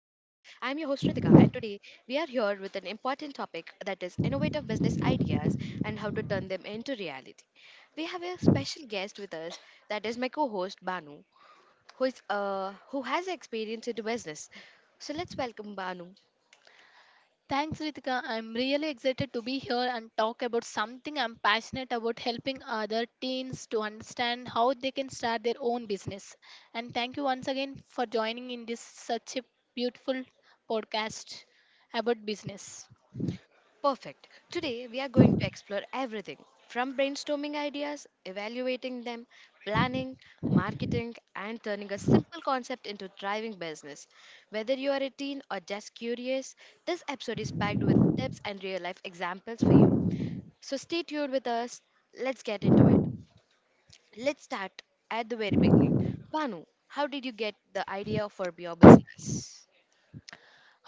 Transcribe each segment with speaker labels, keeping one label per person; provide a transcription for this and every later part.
Speaker 1: I'm your host, Ritika, and today we are here with an important topic that is innovative business ideas and how to turn them into reality. We have a special guest with us, that is my co host, Banu, who has experience into business. So let's welcome Banu.
Speaker 2: Thanks, Ritika. I'm really excited to be here and talk about something I'm passionate about helping other teens to understand how they can start their own business. And thank you once again for joining in this such a beautiful podcast about business.
Speaker 1: Perfect. Today, we are going to explore everything from brainstorming ideas, evaluating them, planning, marketing, and turning a simple concept into driving business. Whether you are a teen or just curious, this episode is packed with tips and real life examples for you. So stay tuned with us. Let's get into it. Let's start at the very beginning. Banu, how did you get the idea for your business?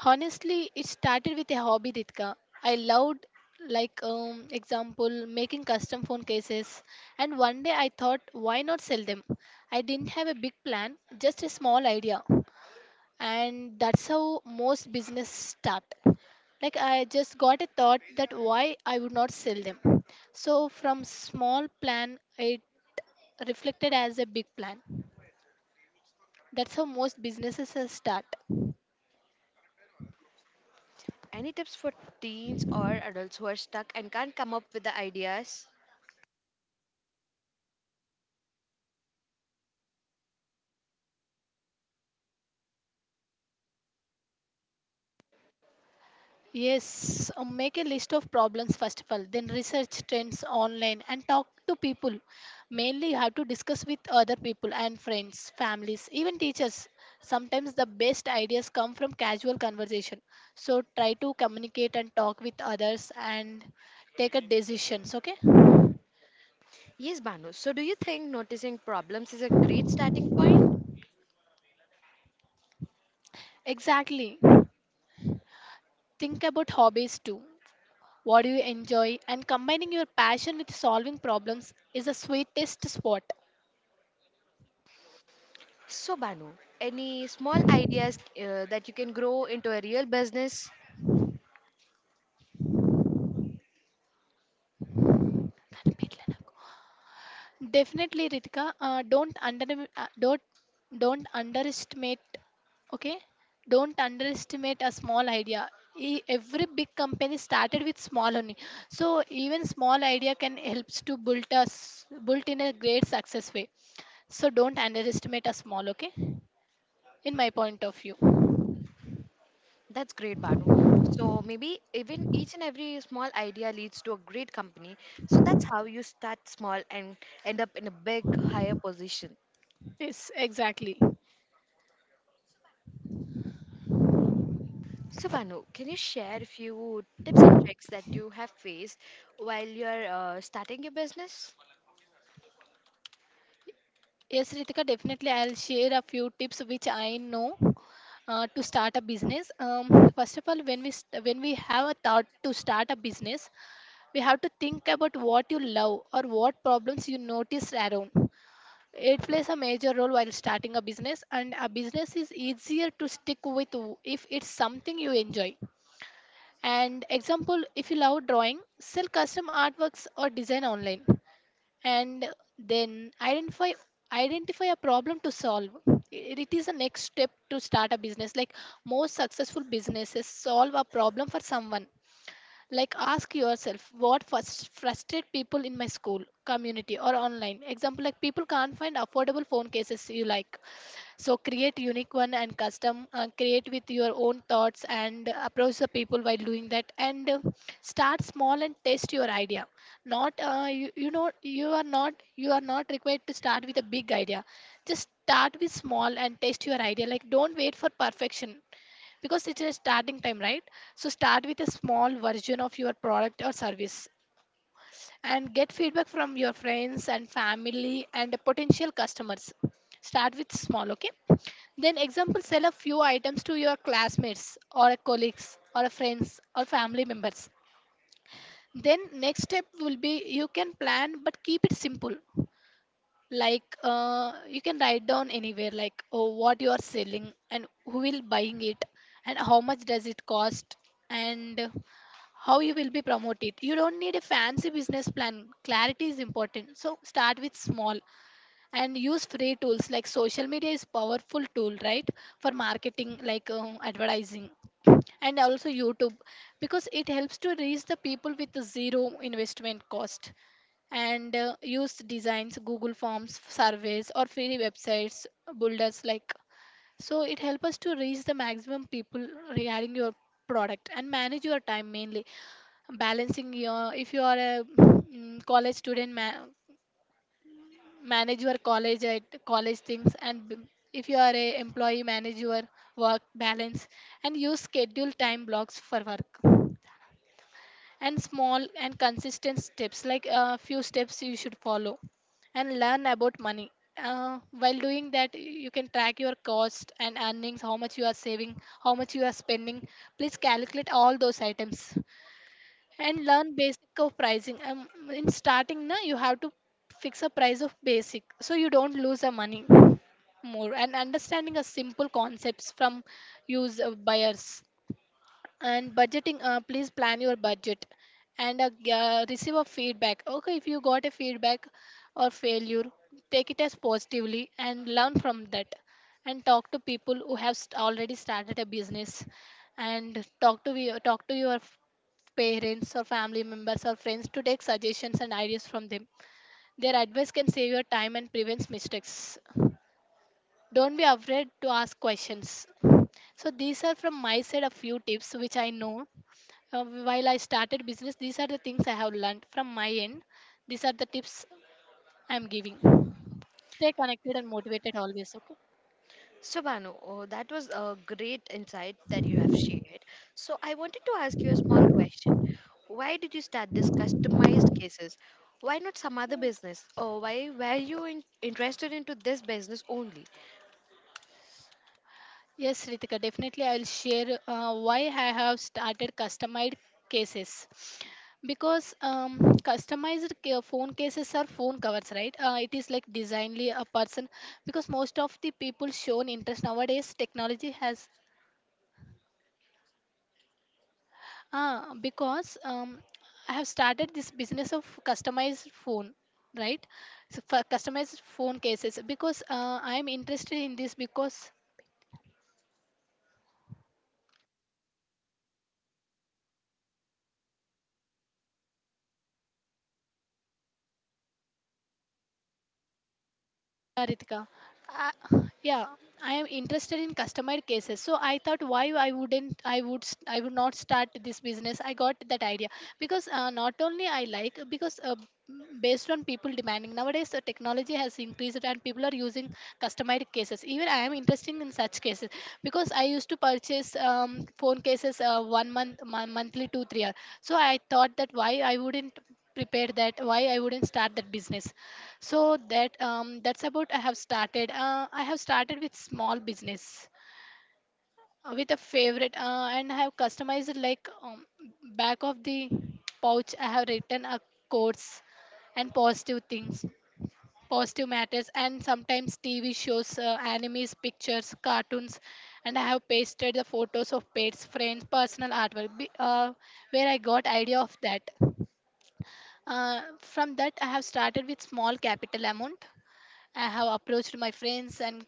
Speaker 2: Honestly, it started with a hobby, Ritika. I loved like example making custom phone cases. And one day I thought, why not sell them? I didn't have a big plan, just a small idea. And that's how most business start. Like, I just got a thought that why I would not sell them. So from small plan it reflected as a big plan. That's how most businesses start.
Speaker 1: Any tips for teens or adults who are stuck and can't come up with the ideas?
Speaker 2: Yes, make a list of problems first of all, then research trends online and talk to people. Mainly, you have to discuss with other people and friends, families, even teachers. Sometimes the best ideas come from casual conversation. So, try to communicate and talk with others and take a decisions, okay?
Speaker 1: Yes, Banu. So, do you think noticing problems is a great starting point?
Speaker 2: Exactly. Think about hobbies too. What do you enjoy? And combining your passion with solving problems is the sweetest spot.
Speaker 1: So, Banu, any small ideas that you can grow into a real business?
Speaker 2: Definitely, Ritika. Uh, don't don't underestimate. Okay, don't underestimate a small idea. Every big company started with small only, so even small idea can helps to build us built in a great success way. So don't underestimate a small. Okay, in my point of view.
Speaker 1: That's great, Banu. So, maybe even each and every small idea leads to a great company. So, that's how you start small and end up in a big, higher position.
Speaker 2: Yes, exactly.
Speaker 1: So, Banu, can you share a few tips and tricks that you have faced while you're starting your business?
Speaker 2: Yes, Ritika, definitely. I'll share a few tips which I know to start a business. First of all, when we when we have a thought to start a business, we have to think about what you love or what problems you notice around. It plays a major role while starting a business, and a business is easier to stick with if it's something you enjoy. And example, if you love drawing, sell custom artworks or design online. And then identify a problem to solve it. It is the next step to start a business, like, most successful businesses solve a problem for someone. Like, ask yourself what first frustrate people in my school community or online, example like people can't find affordable phone cases you like, so create unique one and custom. Create with your own thoughts and approach the people while doing that. And start small and test your idea. Not you know you are not required to start with a big idea. Just start with small and test your idea. Like, don't wait for perfection because it's a starting time, right? So start with a small version of your product or service and get feedback from your friends and family and potential customers. Start with small, okay? Then, example, sell a few items to your classmates or a colleagues or a friends or family members. Then, next step will be you can plan but keep it simple. Like, you can write down anywhere, like, oh, what you are selling and who will buying it, and how much does it cost, and how you will be promote it. You don't need a fancy business plan. Clarity is important, so start with small. And use free tools, like social media is powerful tool, right, for marketing, like advertising, and also YouTube, because it helps to reach the people with zero investment cost. And use designs, Google forms, surveys, or free websites builders, like, so it helps us to reach the maximum people regarding your product. And manage your time, mainly balancing your, if you are a college student, manage your college at college things, and if you are a employee, manage your work balance. And use schedule time blocks for work, and small and consistent steps, like a few steps you should follow. And learn about money. While doing that, you can track your cost and earnings, how much you are saving, how much you are spending. Please calculate all those items. And learn basic of pricing. In starting na, you have to fix a price of basic so you don't lose the money more. And understanding a simple concepts from use buyers and budgeting. Please plan your budget. And receive a feedback, okay? If you got a feedback or failure, take it as positively and learn from that. And talk to people who have already started a business. And talk to your parents or family members or friends to take suggestions and ideas from them. Their advice can save your time and prevents mistakes. Don't be afraid to ask questions. So these are from my side a few tips which I know, while I started business. These are the things I have learned from my end. These are the tips I'm giving. Stay connected and motivated always. Okay.
Speaker 1: So, Banu, oh, that was a great insight that you have shared. So, I wanted to ask you a small question. Why did you start this customized cases? Why not some other business? Or why were you interested into this business only?
Speaker 2: Yes, Ritika, definitely I'll share why I have started customized cases, because customized phone cases are phone covers, right? It is like designly a person because most of the people shown interest nowadays technology has. Because I have started this business of customized phone, right? So for customized phone cases, because I am interested in this because. Yeah, Ritika. Yeah, I am interested in customer cases. So I thought, why I wouldn't I would not start this business. I got that idea because not only I like, because based on people demanding nowadays, the technology has increased and people are using customer cases. Even I am interested in such cases because I used to purchase phone cases one month monthly two three hour. So I thought that, why I wouldn't prepare that, why I wouldn't start that business, so that that's about, I have started with small business, with a favorite, and I have customized, like, back of the pouch I have written a quotes and positive things, positive matters, and sometimes TV shows, animes, pictures, cartoons. And I have pasted the photos of pets, friends, personal artwork, where I got idea of that. From that, I have started with small capital amount. I have approached my friends and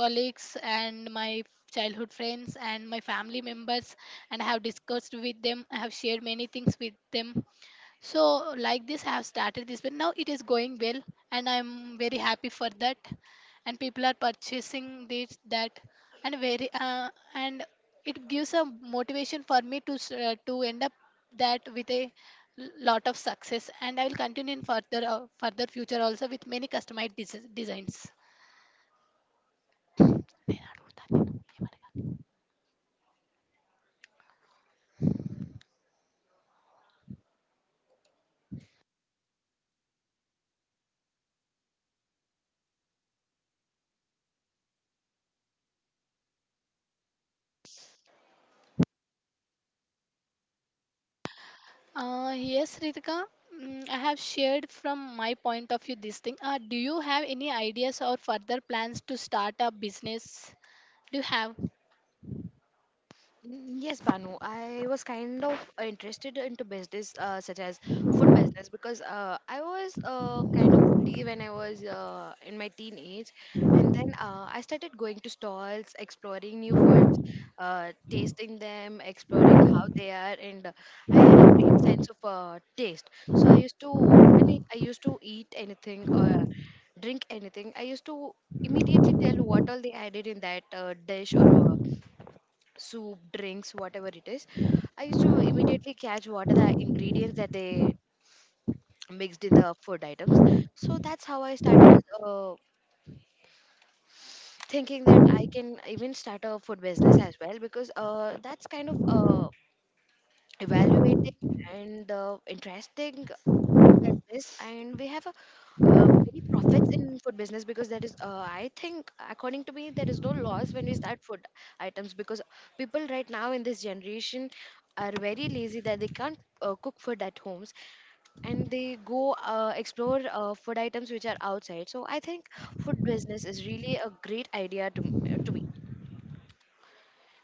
Speaker 2: colleagues and my childhood friends and my family members, and I have discussed with them. I have shared many things with them, so, like this, I have started this, but now it is going well, and I'm very happy for that. And people are purchasing this, that, and very, and it gives a motivation for me to end up that with a lot of success. And I will continue in further future also with many customized designs. Yes, Ritika. I have shared from my point of view this thing. Do you have any ideas or further plans to start a business? Do you have?
Speaker 1: Mm, yes, Banu. I was kind of interested into business such as food business because I was kind of foodie when I was in my teenage, and then I started going to stalls, exploring new foods, tasting them, exploring how they are, and I had a great sense of taste. So I used to when I used to eat anything or drink anything, I used to immediately tell what all they added in that dish or soup, drinks, whatever it is. I used to immediately catch what are the ingredients that they mixed in the food items. So that's how I started uh, thinking that I can even start a food business as well because that's kind of evaluating and interesting business, and we have many profits in food business because there is I think according to me there is no loss when we start food items because people right now in this generation are very lazy that they can't cook food at homes, and they go explore food items which are outside. So I think food business is really a great idea to, to me.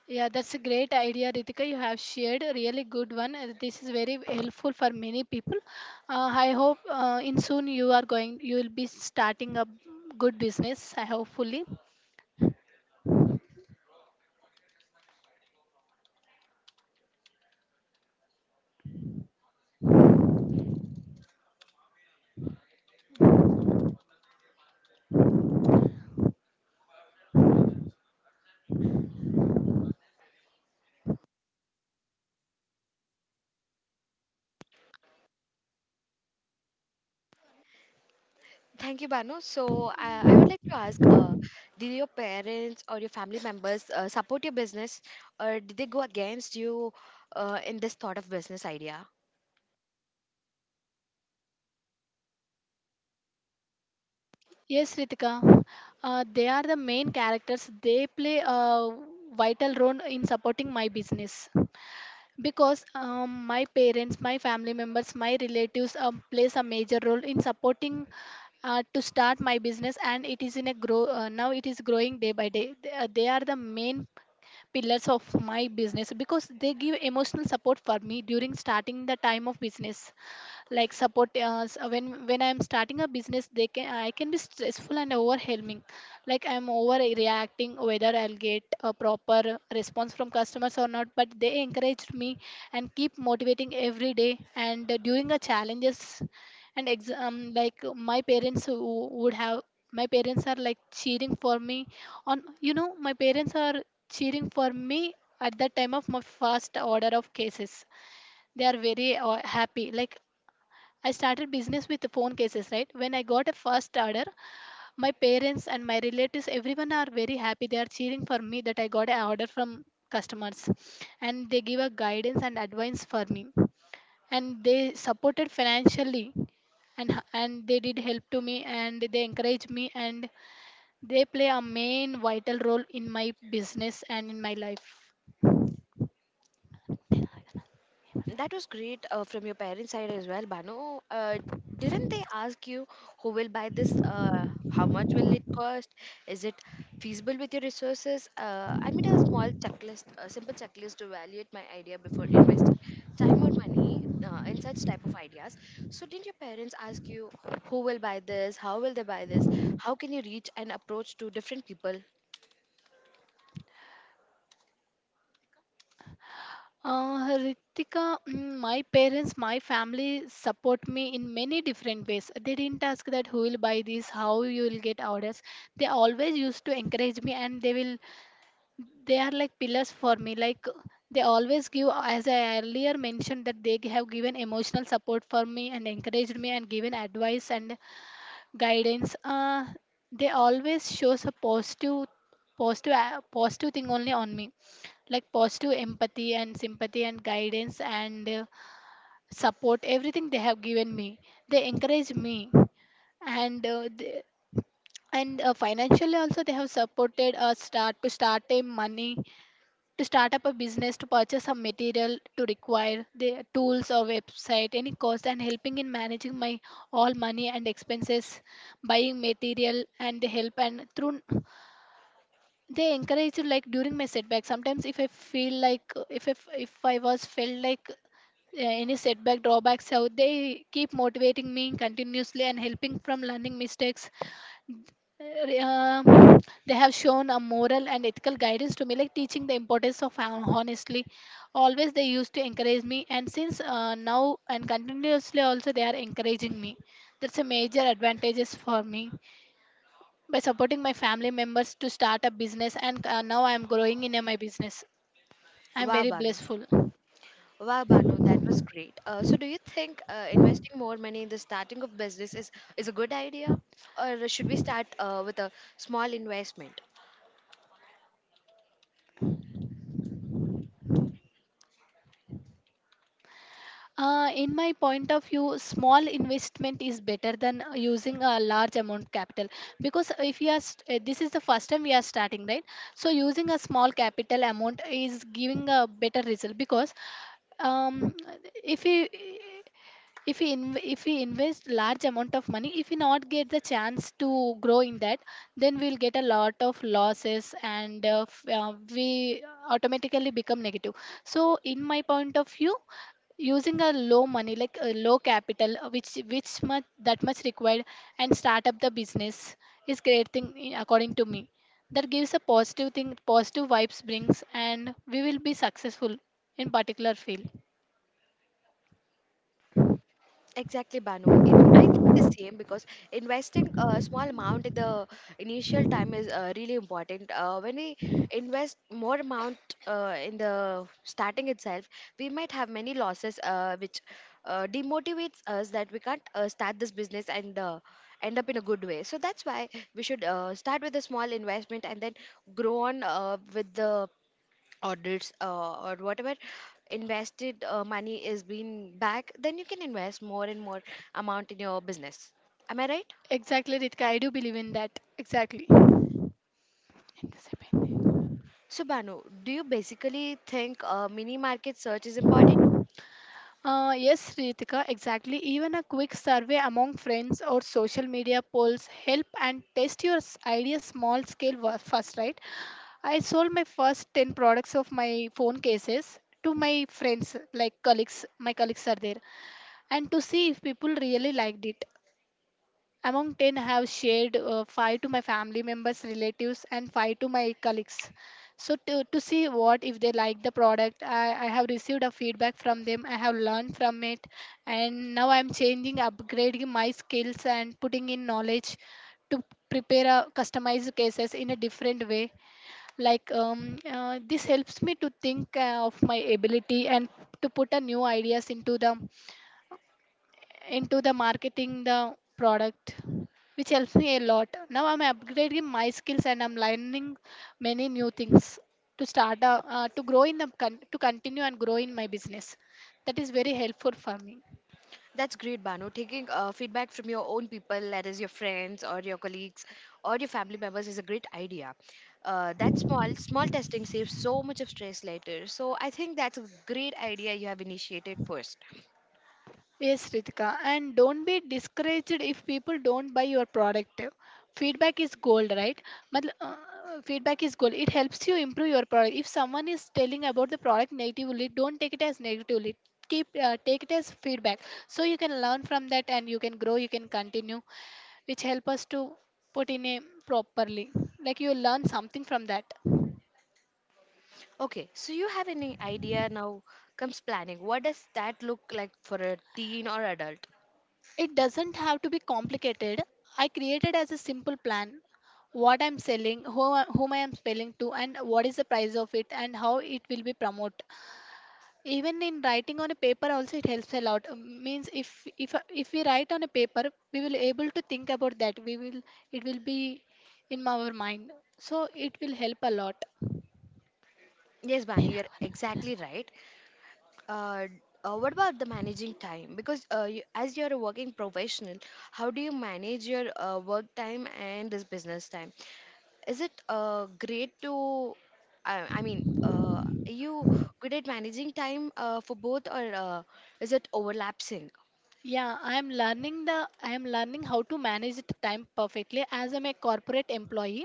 Speaker 2: Yeah, that's a great idea, Ritika. You have shared a really good one. This is very helpful for many people. I hope, in soon you are going, you will be starting a good business. I hopefully.
Speaker 1: Thank you, Banu. So I would like to ask, did your parents or your family members support your business, or did they go against you in this thought of business idea?
Speaker 2: Yes, Ritika. They are the main characters. They play a vital role in supporting my business, because my parents, my family members, my relatives, plays a major role in supporting, to start my business, and it is in a grow, now it is growing day by day. They are the main pillars of my business, because they give emotional support for me during starting the time of business, like support, when I'm starting a business, they can, I can be stressful and overwhelming, like I'm overreacting whether I'll get a proper response from customers or not, but they encouraged me and keep motivating every day, and during the challenges and exam, like, my parents who would have, my parents are like cheering for me on, my parents are cheering for me at the time of my first order of cases. They are very happy, like, I started business with the phone cases, right? When I got a first order, my parents and my relatives, everyone are very happy. They are cheering for me that I got an order from customers, and they give a guidance and advice for me, and they supported financially, and they did help to me, and they encouraged me, and they play a main vital role in my business and in my life.
Speaker 1: That was great from your parents' side as well, Banu. Didn't they ask you who will buy this? How much will it cost? Is it feasible with your resources? I made a small checklist, a simple checklist to evaluate my idea before investing time or money in such type of ideas. So, didn't your parents ask you who will buy this? How will they buy this? How can you reach and approach to different people?
Speaker 2: Ritika, my parents, my family support me in many different ways. They didn't ask that who will buy this, how you will get orders. They always used to encourage me, and they will. They are like pillars for me. Like they always give, as I earlier mentioned, that they have given emotional support for me and encouraged me and given advice and guidance, they always shows a positive positive thing only on me, like positive empathy and sympathy and guidance and, support, everything they have given me, they encourage me, and financially also they have supported us start a money to start up a business, to purchase some material, to require the tools or website, any cost, and helping in managing my all money and expenses, buying material and the help and through they encourage you like during my setback. Sometimes if I feel like, if I was felt like any setback drawbacks out, they keep motivating me continuously and helping from learning mistakes. uh, they have shown a moral and ethical guidance to me, like teaching the importance of honestly, always they used to encourage me, and since now and continuously also they are encouraging me. That's a major advantages for me. By supporting my family members to start a business, and now I am growing in my business, I am
Speaker 1: Wow,
Speaker 2: very
Speaker 1: Banu.
Speaker 2: blissful.
Speaker 1: Wow, Banu, that was great. So, do you think investing more money in the starting of business is a good idea, or should we start with a small investment?
Speaker 2: In my point of view, small investment is better than using a large amount of capital, because if you are this is the first time we are starting, right? So using a small capital amount is giving a better result, because um, if you, if we invest large amount of money, if we not get the chance to grow in that, then we'll get a lot of losses, and we automatically become negative. So in my point of view, using a low money like a low capital, which much that much required, and start up the business is great thing, according to me, that gives a positive thing, positive vibes brings, and we will be successful in particular field.
Speaker 1: Exactly, Banu. If I think the same because investing a small amount in the initial time is really important. When we invest more amount in the starting itself, we might have many losses, which demotivates us that we can't start this business and end up in a good way. So that's why we should start with a small investment and then grow on with the audits or whatever invested money is being back, then you can invest more and more amount in your business. Am I right?
Speaker 2: Exactly, Ritika. I do believe in that. Exactly. Anticipating.
Speaker 1: So, Banu, do you basically think mini market search is important?
Speaker 2: Yes, Ritika, exactly. Even a quick survey among friends or social media polls help and test your idea small scale first, right? I sold my first 10 products of my phone cases to my friends, like colleagues, my colleagues are there, and to see if people really liked it. Among 10, I have shared 5 to my family members, relatives, and 5 to my colleagues. So, to see what if they like the product, I have received a feedback from them, I have learned from it, and now I'm changing, upgrading my skills, and putting in knowledge to prepare a customized cases in a different way, like this helps me to think of my ability and to put a new ideas into the marketing the product, which helps me a lot. Now I'm upgrading my skills and I'm learning many new things to start a, to grow in the to continue and grow in my business. That is very helpful for me.
Speaker 1: That's great, Banu. Taking feedback from your own people, that is your friends or your colleagues or your family members, is a great idea. Uh, that small small testing saves so much of stress later. So I think that's a great idea you have initiated first.
Speaker 2: Yes, Ritika, and don't be discouraged if people don't buy your product. Feedback is gold, right? Matlab, feedback is gold. It helps you improve your product. If someone is telling about the product negatively, don't take it as negatively. Keep take it as feedback, so you can learn from that and you can grow. You can continue, which help us to put in a properly. Like you learn something from that.
Speaker 1: Okay, so you have any idea. Now comes planning. What does that look like for a teen or adult?
Speaker 2: It doesn't have to be complicated. I created as a simple plan, what I'm selling, whom I am selling to, and what is the price of it, and how it will be promoted. Even in writing on a paper, also it helps a lot. Means if we write on a paper, we will able to think about that. We will, it will be in our mind, so it will help a lot.
Speaker 1: Yes, Bani, you're exactly right. Uh, what about the managing time? Because you, as you're a working professional, how do you manage your work time and this business time? Is it great to, I mean, are you good at managing time for both, or is it overlapping?
Speaker 2: Yeah, I am learning how to manage the time perfectly, as I'm a corporate employee.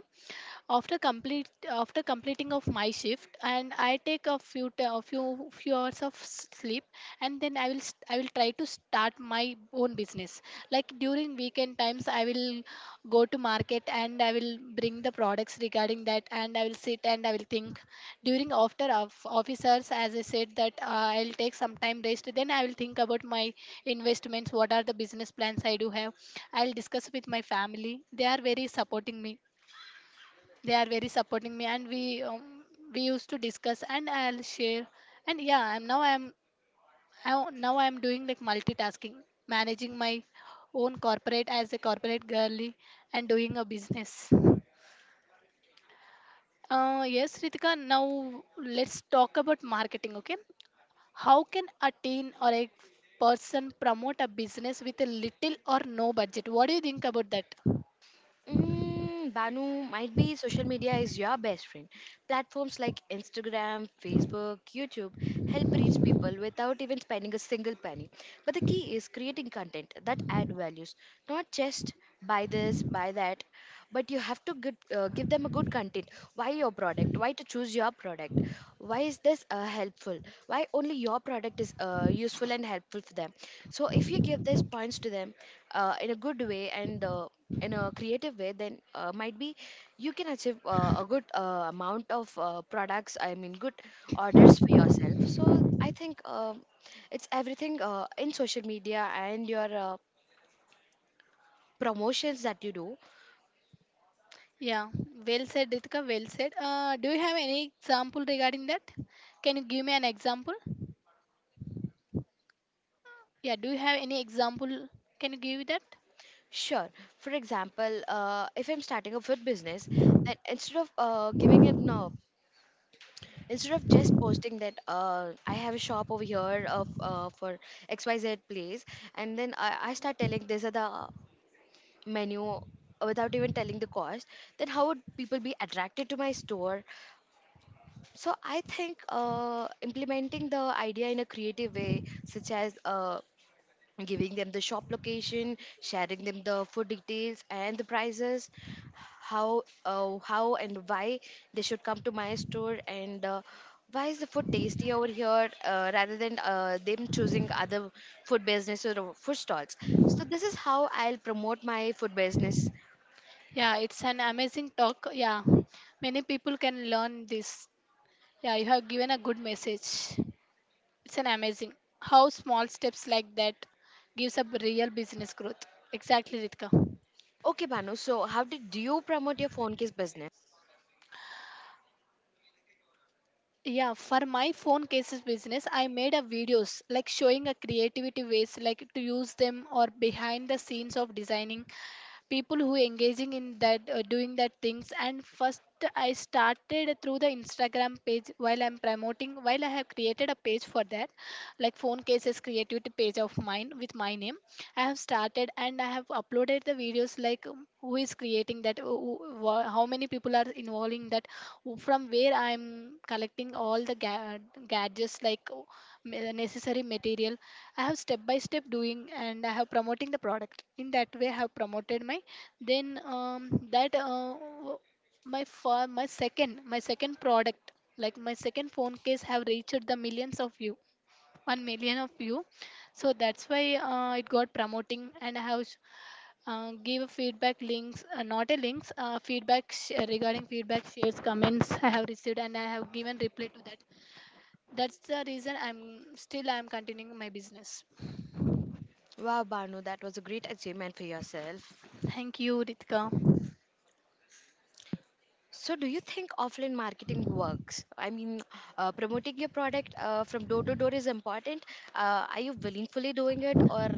Speaker 2: After completing of my shift, and I take a few t- a few few hours of sleep, and then I will I will try to start my own business. Like during weekend times, I will go to market and I will bring the products regarding that, and I will sit and I will think. During after of officers, as I said that, I'll take some time rest. Then I will think about my investments. What are the business plans I do have? I'll discuss with my family. They are very supporting me, and we, we used to discuss and I'll share. And yeah, I'm now I'm I, now I'm doing like multitasking, managing my own corporate as a corporate girly, and doing a business. Yes, Ritika, now let's talk about marketing. Okay, how can a teen or a person promote a business with a little or no budget? What do you think about that?
Speaker 1: Mm, Banu, might be social media is your best friend. Platforms like Instagram, Facebook, YouTube help reach people without even spending a single penny. But the key is creating content that add values, not just buy this, buy that, but you have to get, give them a good content. Why your product? Why to choose your product? Why is this helpful? Why only your product is useful and helpful for them? So if you give these points to them in a good way and in a creative way, then might be you can achieve a good amount of products, I mean good orders for yourself. So I think, um, it's everything in social media and your promotions that you do.
Speaker 2: Yeah, well said, Ritika. Well said. Do you have any example regarding that? Can you give me an example? Yeah, do you have any example? Can you give that?
Speaker 1: Sure. For example, if I'm starting a food business, then instead of giving it no, instead of just posting that I have a shop over here of for xyz place, and then I start telling these are the menu without even telling the cost, then how would people be attracted to my store? So I think implementing the idea in a creative way, such as giving them the shop location, sharing them the food details and the prices, how and why they should come to my store, and why is the food tasty over here rather than them choosing other food businesses or food stalls. So this is how I'll promote my food business.
Speaker 2: Yeah, it's an amazing talk. Yeah, many people can learn this. Yeah, you have given a good message. It's an amazing how small steps like that gives a real business growth. Exactly, Ritika.
Speaker 1: Okay, Banu, so how did you promote your phone case business?
Speaker 2: Yeah, for my phone cases business, I made a videos like showing a creativity ways like to use them or behind the scenes of designing, people who engaging in that, doing that things. And first I started through the Instagram page, while I'm promoting, while I have created a page for that, like phone cases creativity page of mine with my name, I have started, and I have uploaded the videos, like who is creating that, how many people are involving that, from where I'm collecting all the gadgets, like necessary material. I have step by step doing, and I have promoting the product. In that way, I have promoted my. Then w- my for my second product, like my second phone case have reached the millions of view, 1 million of view. So that's why it got promoting, and I have give a feedback links not a links, regarding feedback shares comments I have received, and I have given reply to that. That's the reason I'm continuing my business.
Speaker 1: Wow, Banu, that was a great achievement for yourself.
Speaker 2: Thank you, Ritika.
Speaker 1: So, do you think offline marketing works? I mean, promoting your product from door to door is important. Are you willingly doing it, or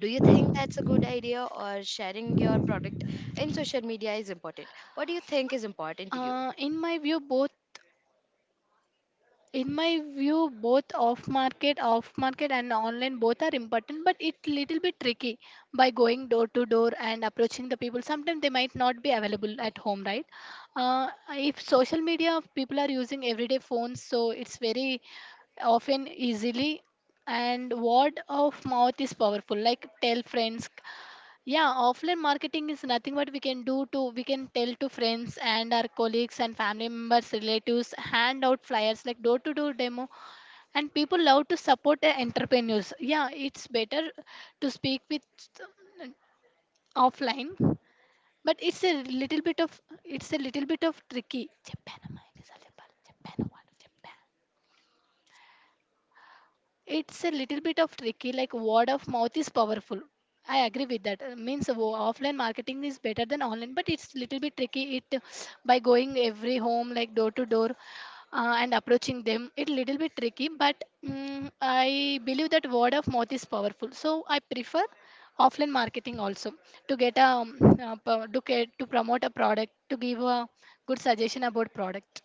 Speaker 1: do you think that's a good idea, or sharing your product in social media is important? What do you think is important to you?
Speaker 2: Uh, in my view, both in my view, both off market and online both are important, but it's little bit tricky by going door to door and approaching the people. Sometimes they might not be available at home, right? Uh, if social media, people are using everyday phones, so it's very often easily, and word of mouth is powerful, like tell friends. Yeah, offline marketing is nothing, but we can do to we can tell to friends and our colleagues and family members, relatives, hand out flyers, like door to door demo, and people love to support entrepreneurs. Yeah, it's better to speak with, uh, offline, but it's a little bit of tricky. చెప్పానమ్మా, ఎన్నిసార్లు చెప్పాలి? It's a little bit of tricky, like word of mouth is powerful. I agree with that. Means offline marketing is better than online, but it's little bit tricky. It, by going every home like door to door, and approaching them, it little bit tricky. But mm, I believe that word of mouth is powerful, so I prefer offline marketing also to get a, to get to promote a product, to give a good suggestion about product.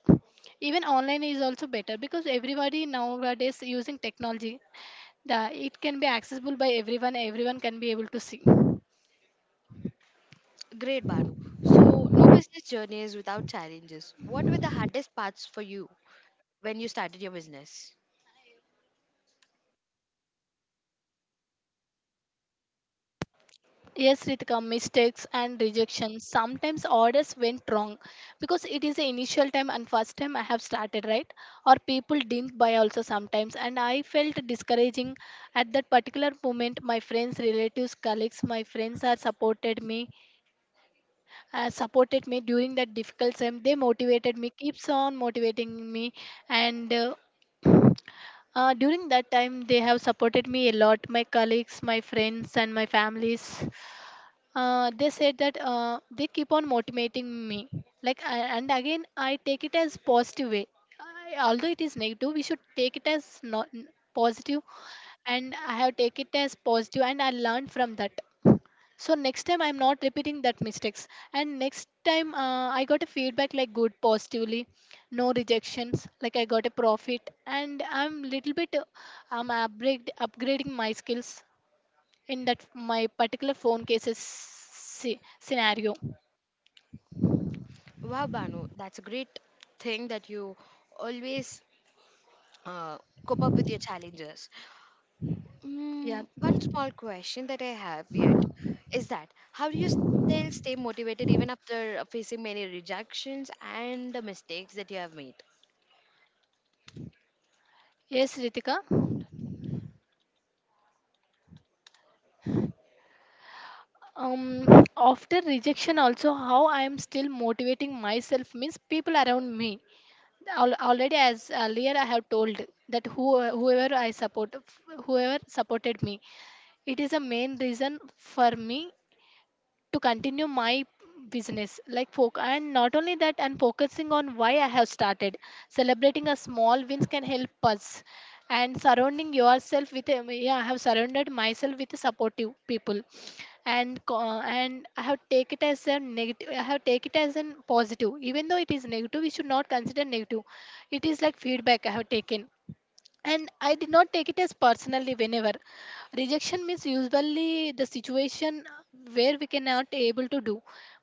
Speaker 2: Even online is also better, because everybody nowadays using technology, the, it can be accessible by everyone, everyone can be able to see.
Speaker 1: Great, Banu. So, no business journey is without challenges. What were the hardest parts for you when you started your business?
Speaker 2: Yes, Ritika, mistakes and rejection. Sometimes orders went wrong, because it is the initial time and first time I have started, right? Or people didn't buy also sometimes, and I felt discouraging at that particular moment. My friends, relatives, colleagues, my friends are supported me during that difficult time. They motivated me, keeps on motivating me, and during that time, they have supported me a lot, my colleagues, my friends, and my families. They said that, they keep on motivating me. Like, I, and again, I take it as positive way. I, although it is negative, we should take it as not positive, and I have take it as positive, and I learned from that. So next time I'm not repeating that mistakes. And next time I got a feedback like good positively, no rejections, like I got a profit, and I'm little bit I'm upgrading my skills in that my particular phone cases scenario.
Speaker 1: Wow, Banu, that's a great thing that you always uh, cope up with your challenges.
Speaker 2: Yeah.
Speaker 1: Mm, one small question that I have yet is that how do you still stay motivated even after facing many rejections and the mistakes that you have made?
Speaker 2: Yes, Ritika. um After rejection also, how I am still motivating myself means people around me. Already, as earlier I have told, that who, whoever I support, whoever supported me, it is a main reason for me to continue my business like folk. And not only that, and focusing on why I have started, celebrating a small wins can help us. And surrounding yourself with a- yeah, I have surrounded myself with supportive people. And I have take it as a negative. I have take it as a positive, even though it is negative. We should not consider negative. It is like feedback I have taken. And I did not take it as personally whenever rejection means usually the situation where we cannot able to do.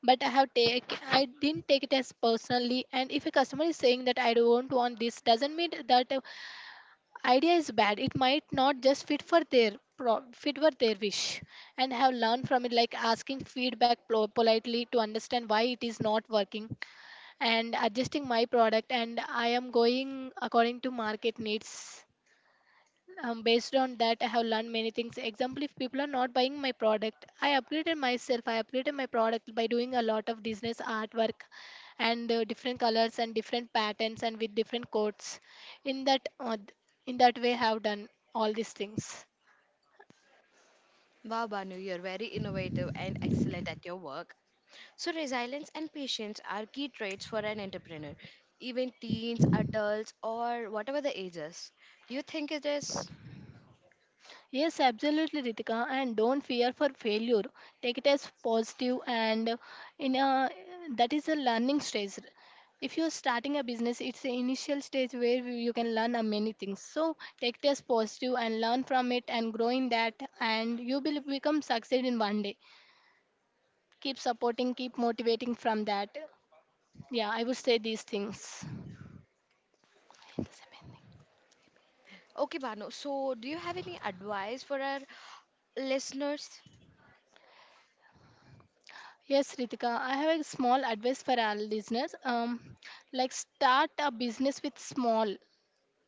Speaker 2: But I didn't take it as personally. And if a customer is saying that I don't want this, doesn't mean that idea is bad, it might not just fit for their fit for their wish. And I have learned from it, like asking feedback politely to understand why it is not working and adjusting my product, and I am going according to market needs. Based on that, I have learned many things. Example, if people are not buying my product, I upgraded myself. I upgraded my product by doing a lot of business artwork and different colors and different patterns and with different codes. In that, uh, in that way, I have done all these things.
Speaker 1: Wow, Banu, you're very innovative and excellent at your work. So, resilience and patience are key traits for an entrepreneur, even teens, adults, or whatever the ages. Do you think it is?
Speaker 2: Yes, absolutely, Ritika. And don't fear for failure. Take it as positive, and in a, that is a learning stage. If you're starting a business, it's the initial stage where you can learn a many things. So take it as positive and learn from it and grow in that, and you will become succeed in one day. Keep supporting, keep motivating from that. Yeah, I would say these things.
Speaker 1: Okay, Banu. So, do you have any advice for our listeners?
Speaker 2: Yes, Ritika, I have a small advice for our listeners. Like, start a business with small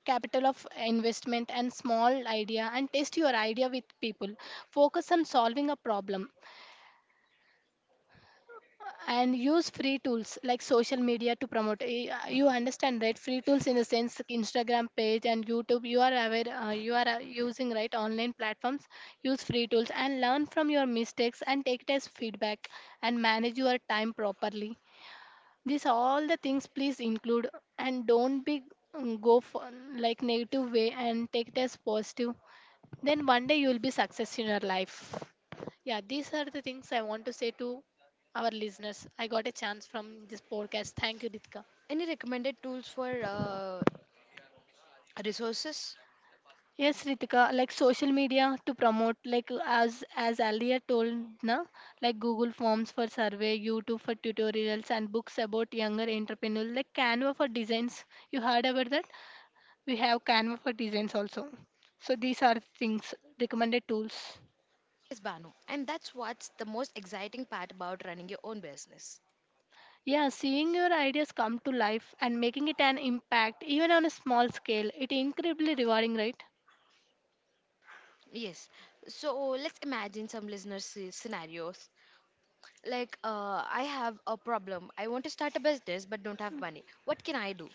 Speaker 2: capital of investment and small idea and test your idea with people. Focus on solving a problem and use free tools like social media to promote. Eh, you understand, right? Free tools in the sense like Instagram page and YouTube. You are aware, you are using right online platforms. Use free tools and learn from your mistakes and take it as feedback and manage your time properly. These all the things please include. And don't be, go for like negative way and take it as positive. Then one day you will be success in your life. Yeah, these are the things I want to say to our listeners. I got a chance from this podcast. Thank you, Ritika.
Speaker 1: Any recommended tools for resources?
Speaker 2: Yes, Ritika, like social media to promote, like as earlier told, na, like Google Forms for survey, YouTube for tutorials, and books about younger entrepreneurs, like Canva for designs. You heard about that? We have Canva for designs also. So these are things, recommended tools.
Speaker 1: Yes, Banu. And that's what's the most exciting part about running your own business.
Speaker 2: Yeah, seeing your ideas come to life and making it an impact, even on a small scale, it incredibly rewarding, right?
Speaker 1: Yes. So, let's imagine some listeners' scenarios. Like, I have a problem. I want to start a business but don't have money. What can I do?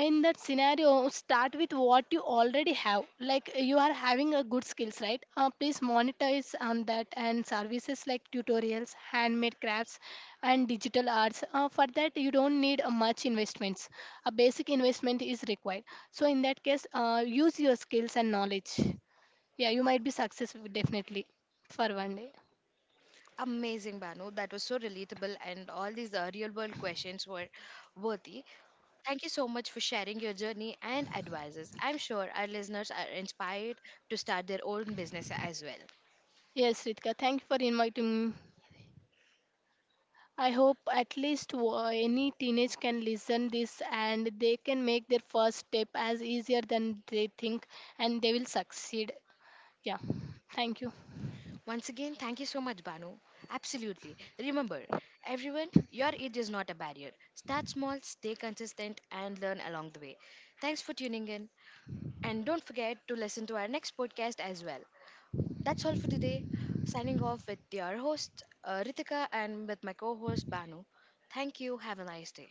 Speaker 2: In that scenario, start with what you already have. Like, you are having a good skills, right? Please monetize on that and services like tutorials, handmade crafts, and digital arts. For that you don't need much investments, a basic investment is required. So in that case, use your skills and knowledge. Yeah, you might be successful definitely for one day.
Speaker 1: Amazing, Banu. That was so relatable, and all these real world questions were worthy. Thank you so much for sharing your journey and advices. I'm sure our listeners are inspired to start their own business as well.
Speaker 2: Yes, Ritika, thank you for inviting me. I hope at least any teenage can listen this and they can make their first step as easier than they think, and they will succeed. Yeah. Thank you.
Speaker 1: Once again, thank you so much, Banu. Absolutely. Remember, everyone, your age is not a barrier. Start small, stay consistent, and learn along the way. Thanks for tuning in. And don't forget to listen to our next podcast as well. That's all for today. Signing off with your host, Ritika, and with my co host, Banu. Thank you. Have a nice day.